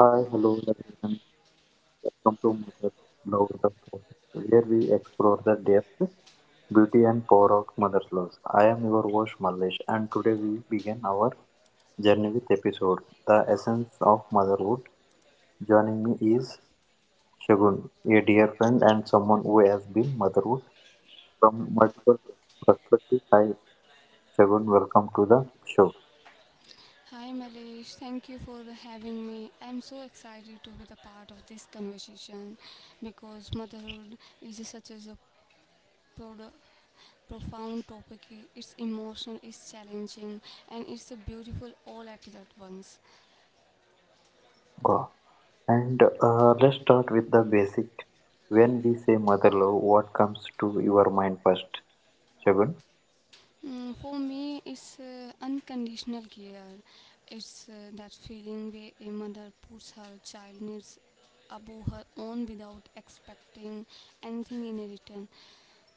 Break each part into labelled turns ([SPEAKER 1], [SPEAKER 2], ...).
[SPEAKER 1] Hi, hello everyone. Welcome to Mother Love the Podcast, where we explore the depth, beauty, and power of Mother Love. I am your host Mallesh, and today we begin our journey with episode The Essence of Motherhood. Joining me is Shagun, a dear friend and someone who has been motherhood from multiple perspectives. Hi, Shagun, welcome to the show.
[SPEAKER 2] Hi Malesh, thank you for having me. I'm so excited to be the part of this conversation because motherhood is such as a pro- profound topic. It's emotional, it's challenging, and it's a beautiful all at that once.
[SPEAKER 1] Wow. And let's start with the basic. When we say mother love, what comes to your mind first? Shagun,
[SPEAKER 2] Mm, for me, it's unconditional care. It's that feeling where a mother puts her child needs above her own without expecting anything in return.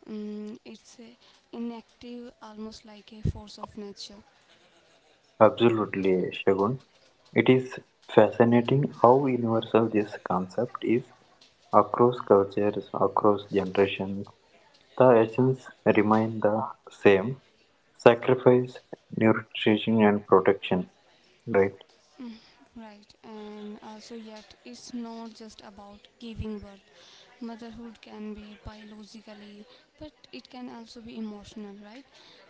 [SPEAKER 2] Mm, it's inactive, almost like a force of nature.
[SPEAKER 1] absolutely, Shagun. It is fascinating how universal this concept is across cultures, across generations. The essence remain the same sacrifice, nutrition, and protection, right?
[SPEAKER 2] Right, and also, yet it's not just about giving birth. Motherhood can be biologically, but it can also be emotional, right?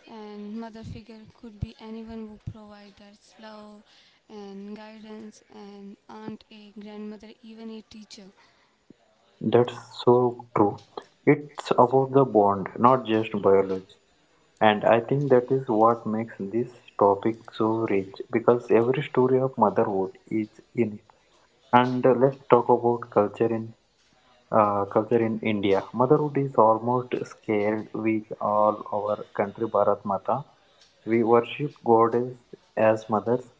[SPEAKER 2] And mother figure could be anyone who provides us love and guidance, and aunt, a grandmother, even a teacher.
[SPEAKER 1] That's so true. It's about the bond, not just biology. And I think that is what makes this topic so rich because every story of motherhood is unique. And let's talk about culture in culture in India. Motherhood is almost scared with all our country, Bharat Mata. We worship goddess as mothers.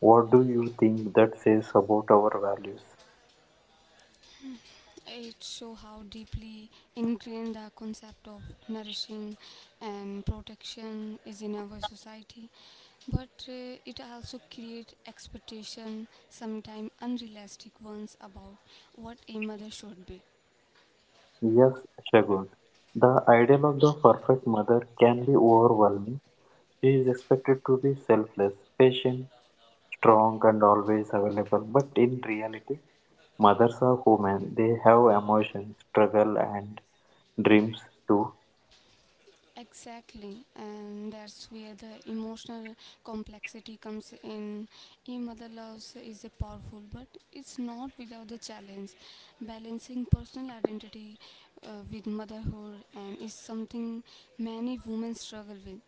[SPEAKER 1] What do you think that says about our values?
[SPEAKER 2] It shows how deeply ingrained the concept of nourishing and protection is in our society, but it also creates expectation, sometimes unrealistic ones, about what a mother should be.
[SPEAKER 1] Yes, Shagun. The ideal of the perfect mother can be overwhelming. She is expected to be selfless, patient, strong, and always available. But in reality, mothers are human. They have emotions, struggle, and dreams too.
[SPEAKER 2] Exactly, and that's where the emotional complexity comes in. E Mother Loves is a powerful, but it's not without the challenge. Balancing personal identity with motherhood and is something many women struggle with.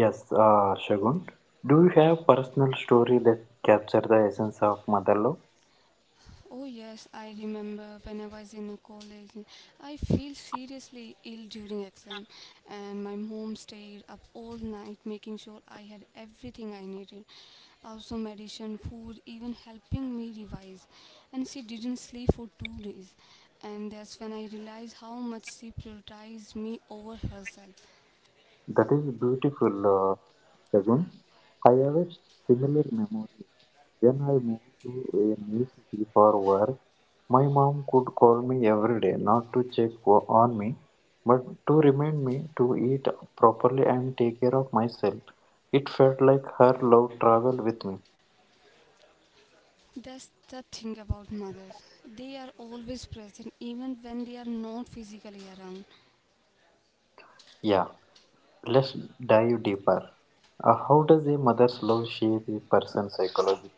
[SPEAKER 1] Yes, Shagun. Do you have personal story that capture the essence of mother love?
[SPEAKER 2] Oh yes, I remember when I was in a college, I feel seriously ill during exam, and my mom stayed up all night making sure I had everything I needed, also medicine, food, even helping me revise. And she didn't sleep for 2 days, and that's when I realized how much she prioritized me over herself.
[SPEAKER 1] That is beautiful, Shagun. I have a similar memory. When I moved to a new city for work, my mom could call me every day, not to check on me, but to remind me to eat properly and take care of myself. It felt like her love traveled with me.
[SPEAKER 2] That's the thing about mothers; they are always present, even when they are not physically around.
[SPEAKER 1] Yeah. Let's dive deeper. How does a mother's love shape a person's psychology?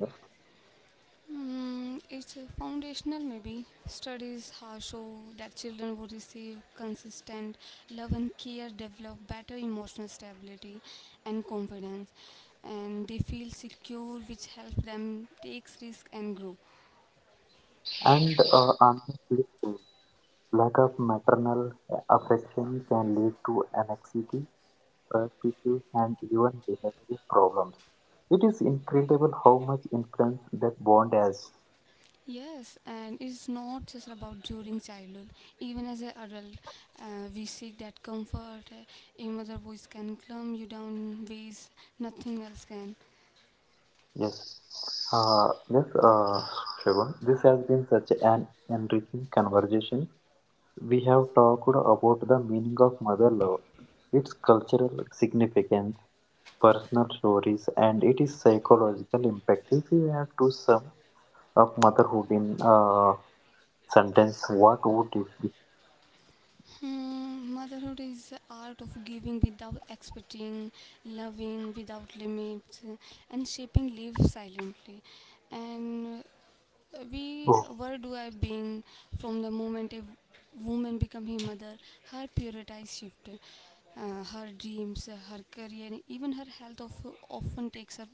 [SPEAKER 2] Mm, it's a foundational, maybe. Studies have shown that children who receive consistent love and care develop better emotional stability and confidence, and they feel secure, which helps them take risks and grow.
[SPEAKER 1] And on the flip side, lack of maternal affection can lead to anxiety, birth issues, and even behavioral problems. It is incredible how much influence that bond has.
[SPEAKER 2] Yes, and it's not just about during childhood. Even as an adult, we seek that comfort. A mother voice can calm you down in ways nothing else can.
[SPEAKER 1] Yes. Yes, Shravan, this has been such an enriching conversation. We have talked about the meaning of mother love, its cultural significance, personal stories, and its psychological impact. If you have to sum up motherhood in a sentence, what would it be?
[SPEAKER 2] Hmm, motherhood is the art of giving without expecting, loving without limits, and shaping life silently. And we
[SPEAKER 1] Oh,
[SPEAKER 2] were do I being from the moment a woman become a mother, her priorities shift, her dreams, her career, and even her health of, often takes her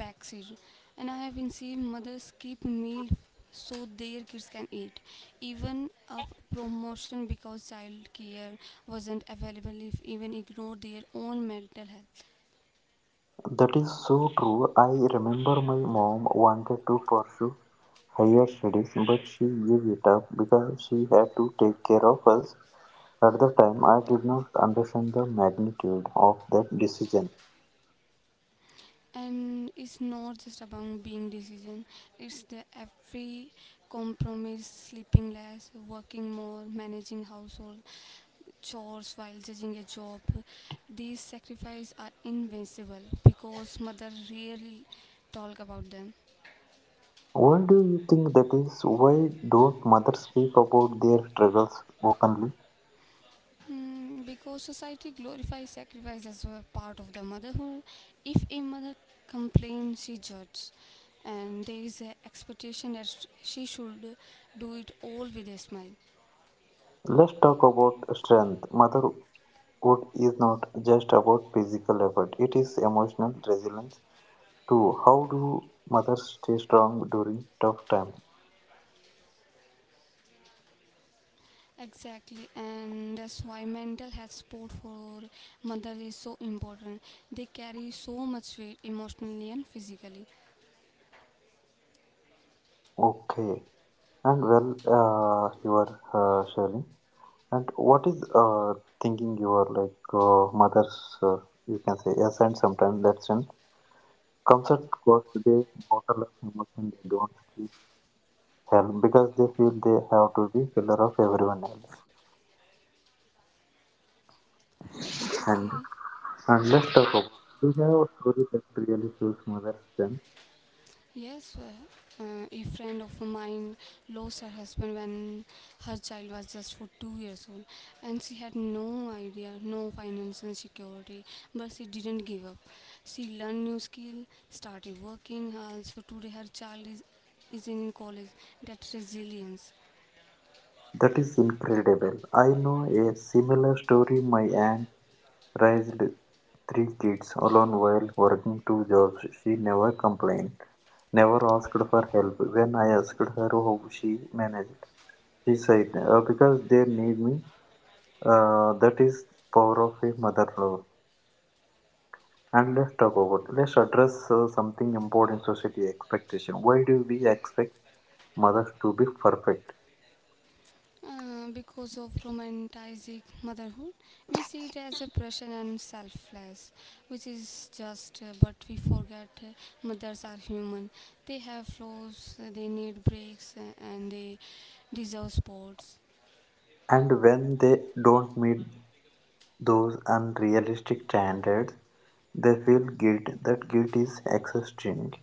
[SPEAKER 2] backseat. And I have been seeing mothers keep meal so their kids can eat, even a promotion because child care wasn't available if even ignore their own mental health.
[SPEAKER 1] that is so true. I remember my mom wanted to pursue higher studies, but she gave it up because she had to take care of us. At the time, I did not understand the magnitude of that decision.
[SPEAKER 2] And it's not just about being decision, it's the every compromise, sleeping less, working more, managing household chores while judging a job. These sacrifices are invincible because mother rarely talk about them.
[SPEAKER 1] Why do you think that is? Why don't mothers speak about their struggles openly?
[SPEAKER 2] Mm, because society glorifies sacrifice as a part of the motherhood. If a mother complains, she judges, and there is an expectation that she should do it all with a smile.
[SPEAKER 1] Let's talk about strength. Motherhood is not just about physical effort, it is emotional resilience too. How do mothers stay strong during tough times?
[SPEAKER 2] Exactly, and that's why mental health support for mothers is so important. They carry so much weight emotionally and physically.
[SPEAKER 1] Okay, and well, you are sharing. And what is thinking you are like mothers? You can say yes, and sometimes that's strength comes at cost. They bottle up emotion. They don't scream help because they feel they have to be pillar of everyone else. And
[SPEAKER 2] Okay.
[SPEAKER 1] and let's talk about we have a story that really shows mother's strength.
[SPEAKER 2] Yes, a friend of mine lost her husband when her child was just for 2 years old, and she had no idea, no financial security, but she didn't give up. She learned new skill, started working. Also, today her child is in college. That resilience.
[SPEAKER 1] That is incredible. I know a similar story. My aunt raised three kids alone while working two jobs. She never complained, never asked for help. When I asked her how she managed, she said, "Because they need me." That is power of a mother love. And let's talk about let's address something important society expectation. Why do we expect mothers to be perfect?
[SPEAKER 2] Because of romanticizing motherhood, we see it as a pressure and selfless, which is just, but we forget mothers are human. They have flaws, they need breaks, and they deserve sports.
[SPEAKER 1] And when they don't meet those unrealistic standards, they feel guilt. That guilt is exhausting.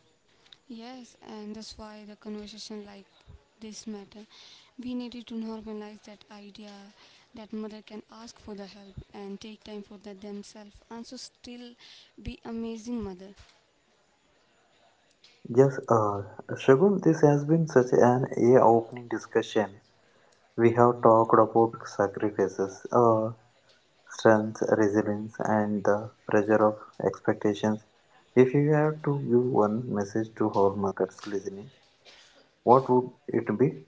[SPEAKER 2] Yes, and that's why the conversation like this matter. We needed to normalize that idea that mother can ask for the help and take time for the themselves and so still be amazing mother.
[SPEAKER 1] Yes, Shagun, this has been such an eye-opening discussion. We have talked about sacrifices. Strength, resilience, and the pressure of expectations. If you have to give one message to all mothers listening, what would it be?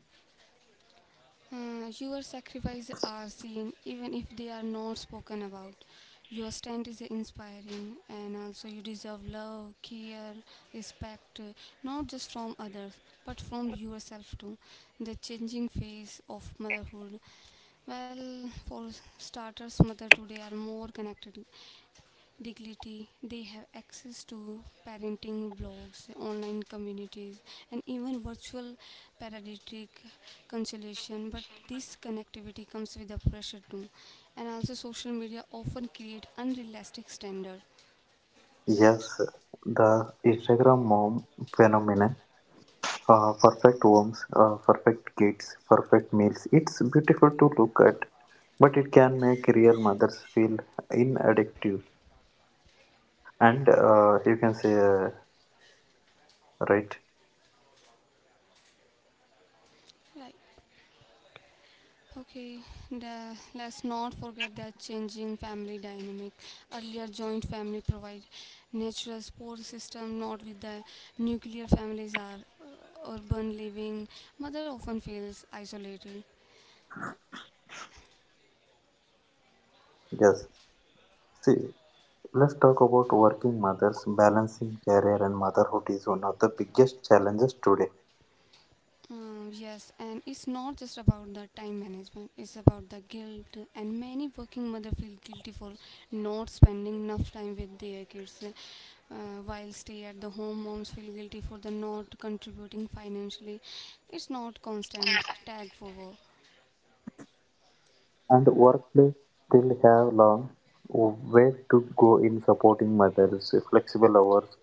[SPEAKER 2] Your sacrifices are seen even if they are not spoken about. Your stand is inspiring, and also you deserve love, care, respect, not just from others, but from yourself too. The changing phase of motherhood. Well, for starters, mother today are more connected dignity. They have access to parenting blogs, online communities, and even virtual paradigmatic consolation. But this connectivity comes with a pressure too, and also social media often create unrealistic standard, right?
[SPEAKER 1] Yes, the Instagram mom phenomenon. Perfect homes, perfect kids, perfect meals. It's beautiful to look at, but it can make real mothers feel inaddictive. And you can say, right?
[SPEAKER 2] Right. Okay, let's not forget that changing family dynamic. Earlier, joint family provide natural support system, not with the nuclear families are urban living. Mother often feels isolated.
[SPEAKER 1] Yes. See, let's talk about working mothers. Balancing career and motherhood is one of the biggest challenges today,
[SPEAKER 2] Yes, and it's not just about the time management, it's about the guilt. And many working mothers feel guilty for not spending enough time with their kids, while stay at the home moms feel guilty for the not contributing financially. It's not constant tag for work.
[SPEAKER 1] and workplace still have long way to go in supporting mothers. Flexible hours,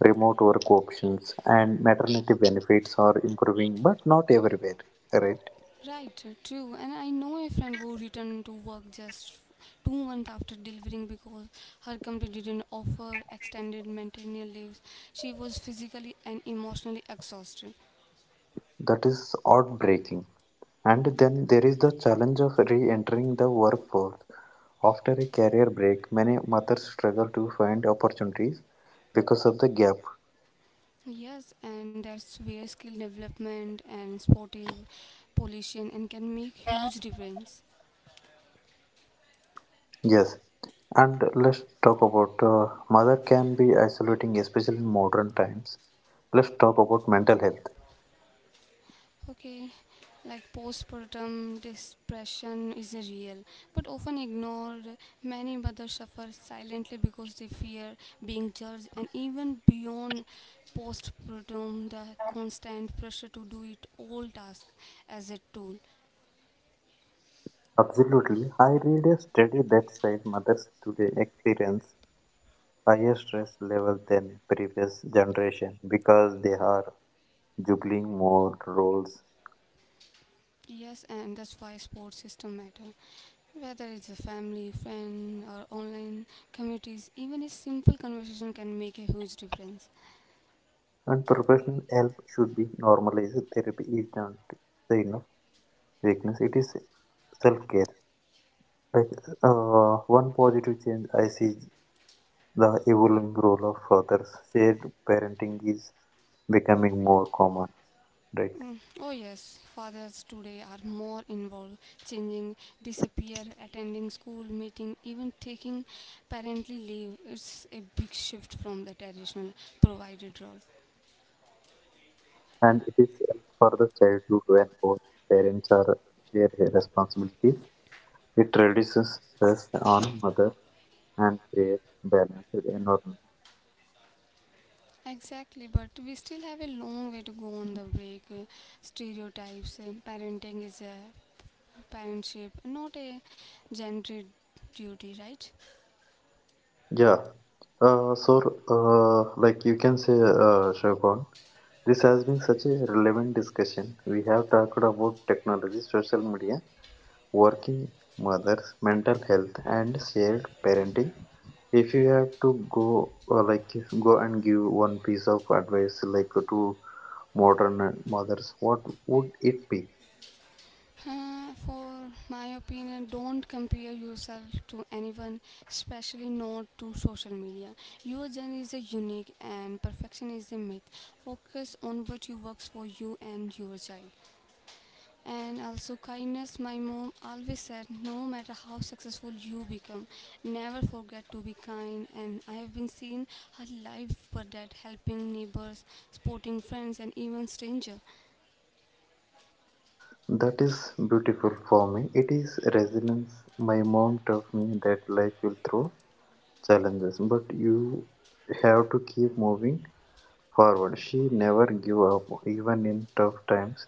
[SPEAKER 1] remote work options, and maternity benefits are improving, but not everywhere. Right?
[SPEAKER 2] Right, true. And I know a friend who returned to work just 2 months after delivering because her company didn't offer extended maternal leaves. She was physically and emotionally exhausted.
[SPEAKER 1] That is heartbreaking. And then there is the challenge of re-entering the workforce. After a career break, many mothers struggle to find opportunities because of the gap.
[SPEAKER 2] Yes, and that's where skill development and sportive pollution and can make huge difference.
[SPEAKER 1] Yes, and let's talk about mother can be isolating, especially in modern times. Let's talk about mental health.
[SPEAKER 2] Okay, like postpartum depression is a real but often ignored. Many mothers suffer silently because they fear being judged, and even beyond postpartum, the constant pressure to do it all tasks as a tool.
[SPEAKER 1] Absolutely. I read a study that said mothers today experience higher stress level than previous generation because they are juggling more roles.
[SPEAKER 2] Yes, and that's why sports system matter. Whether it's a family, friend, or online communities, even a simple conversation can make a huge difference.
[SPEAKER 1] And professional help should be normalized. Therapy is not the enough weakness. It is self care. Like one positive change I see the evolving role of fathers, shared parenting is becoming more common, right?
[SPEAKER 2] Mm, oh yes, fathers today are more involved, changing, disappear, attending school meeting, even taking parental leave. It's a big shift from the traditional provided role.
[SPEAKER 1] And it is health for the childhood when both parents are share responsibilities. It reduces stress on mother and creates balanced environment.
[SPEAKER 2] Exactly, but we still have a long way to go on the break. Stereotypes, parenting is a parentship, not a gender duty, right?
[SPEAKER 1] Yeah. So, like you can say, Shogun, this has been such a relevant discussion. We have talked about technology, social media, working mothers, mental health, and shared parenting. If you have to go like go and give one piece of advice like to modern mothers, what would it be?
[SPEAKER 2] For my opinion, don't compare yourself to anyone, especially not to social media. Your journey is a unique and perfection is a myth. Focus on what you works for you and your child. And also kindness, my mom always said no matter how successful you become, never forget to be kind. And I have been seen her life for that, helping neighbors, supporting friends, and even stranger.
[SPEAKER 1] That is beautiful for me. It is resilience. My mom taught me that life will throw challenges, but you have to keep moving forward. She never give up, even in tough times.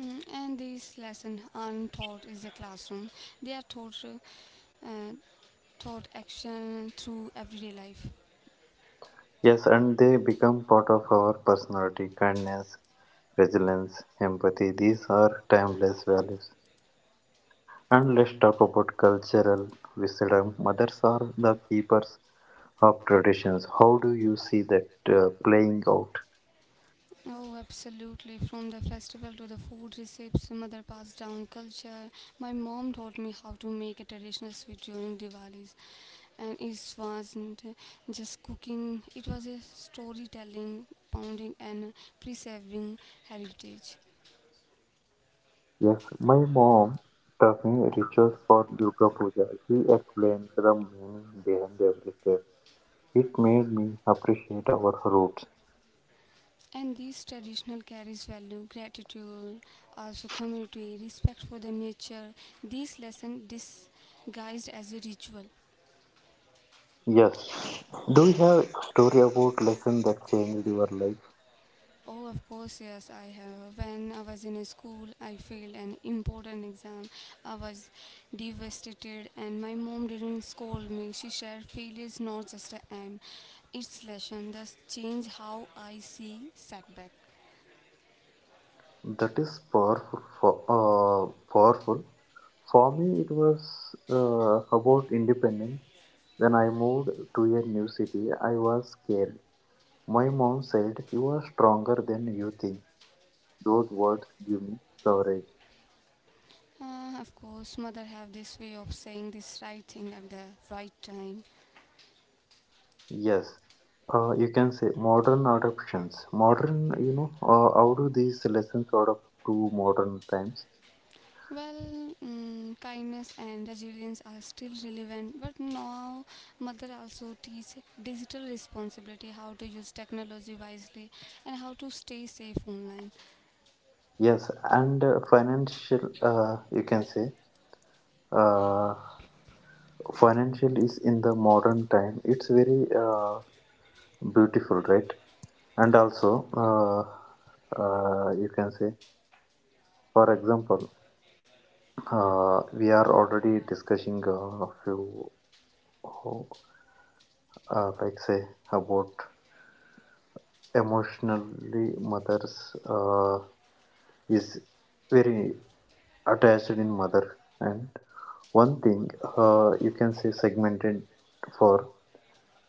[SPEAKER 2] Mm, and these lessons aren't taught in the classroom, they are taught uh, taught action through everyday life.
[SPEAKER 1] Yes, and they become part of our personality. Kindness, resilience, empathy. These are timeless values. And let's talk about cultural wisdom. Mothers are the keepers of traditions. How do you see that playing out?
[SPEAKER 2] Oh, absolutely. From the festival to the food recipes, mother passed down culture. My mom taught me how to make a traditional sweet during Diwali's. And it wasn't just cooking, it was a storytelling, pounding, and preserving heritage.
[SPEAKER 1] Yes, my mom taught me rituals for Durga Puja. She explained the meaning behind every step. It made me appreciate our roots.
[SPEAKER 2] And these traditional carries value, gratitude, also community, respect for the nature. These lessons disguised as a ritual.
[SPEAKER 1] Yes. Do you have a story about lesson that changed your life?
[SPEAKER 2] Oh, of course, yes, I have. When I was in a school, I failed an important exam. I was devastated, and my mom didn't scold me. She said, "Failure is not just an end, it's lesson." Thus, change how I see setback.
[SPEAKER 1] That is powerful for Powerful. For me, it was about independence. When I moved to a new city, I was scared. My mom said, "You are stronger than you think." Those words give me courage.
[SPEAKER 2] Of course, mother have this way of saying this right thing at the right time.
[SPEAKER 1] Yes, you can say modern adoptions. Modern, you know, how do these lessons adapt to modern times?
[SPEAKER 2] Well, mm, kindness and resilience are still relevant, but now mother also teach digital responsibility, how to use technology wisely, and how to stay safe online.
[SPEAKER 1] Yes, and financial, you can say uh, financial is in the modern time it's very beautiful right and also uh, you can say for example we are already discussing a few uh, like say about emotionally mothers is very attached in mother and one thing you can say segmented for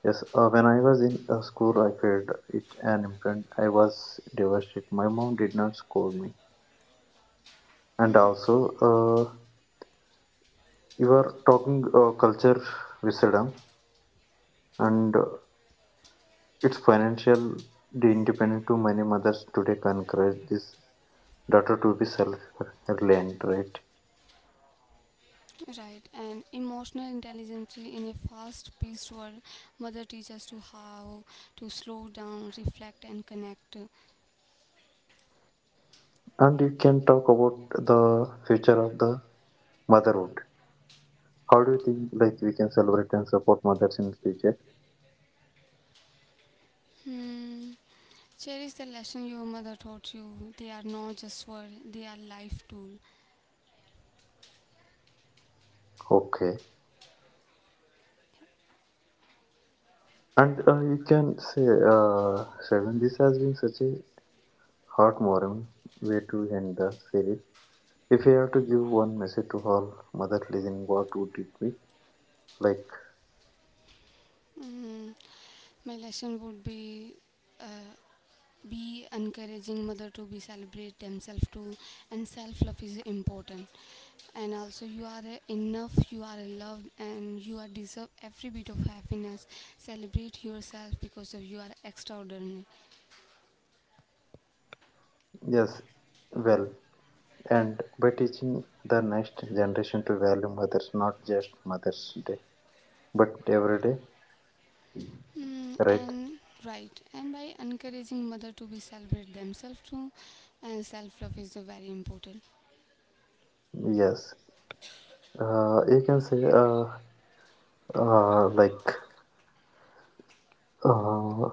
[SPEAKER 1] yes, when I was in school, I failed it an imprint. I was devastated. My mom did not scold me. And also, uh, you are talking culture wisdom, and it's financial the independent to many mothers today can encourage this daughter to be self-reliant, right?
[SPEAKER 2] Right, and emotional intelligence in a fast-paced world, mother teaches to how to slow down, reflect, and connect.
[SPEAKER 1] And you can talk about the future of the motherhood. How do you think like we can celebrate and support mothers in the future?
[SPEAKER 2] Hmm. Cherish the lesson your mother taught you. They are not just words; they are life tool.
[SPEAKER 1] Okay. And you can say, Shravan, this has been such a heartwarming way to end the series. If you have to give one message to all mothers listening, what would it be? Like,
[SPEAKER 2] Mm, my lesson would uh, be encouraging mother to be celebrate themselves too, and self love is important. And also you are a enough, you are a loved, and you are deserve every bit of happiness. Celebrate yourself because of you are extraordinary.
[SPEAKER 1] yes, well, and by teaching the next generation to value mothers, not just Mother's Day, but every day,
[SPEAKER 2] Mm,
[SPEAKER 1] right?
[SPEAKER 2] and right, and by encouraging mother to be celebrate themselves too, and self love is very important.
[SPEAKER 1] Yes. You can say, like, uh,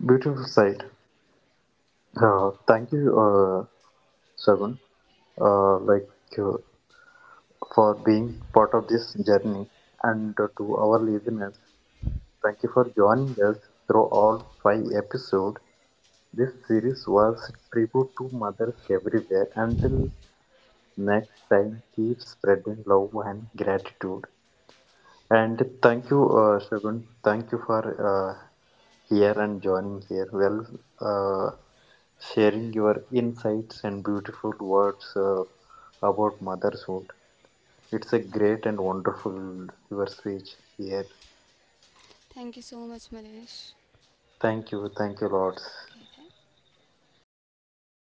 [SPEAKER 1] Beautiful side. Thank you, Shravan. Uh, like, uh, for being part of this journey. And to our listeners, thank you for joining us through all five episodes. This series was tribute to mothers everywhere. Until next time, keep spreading love and gratitude. And thank you, Shagun. Thank you for uh, here and joining here. Well, uh, sharing your insights and beautiful words about motherhood. It's a great and wonderful your speech here.
[SPEAKER 2] Thank you so much, Malesh.
[SPEAKER 1] Thank you, Lords.
[SPEAKER 2] Okay, thank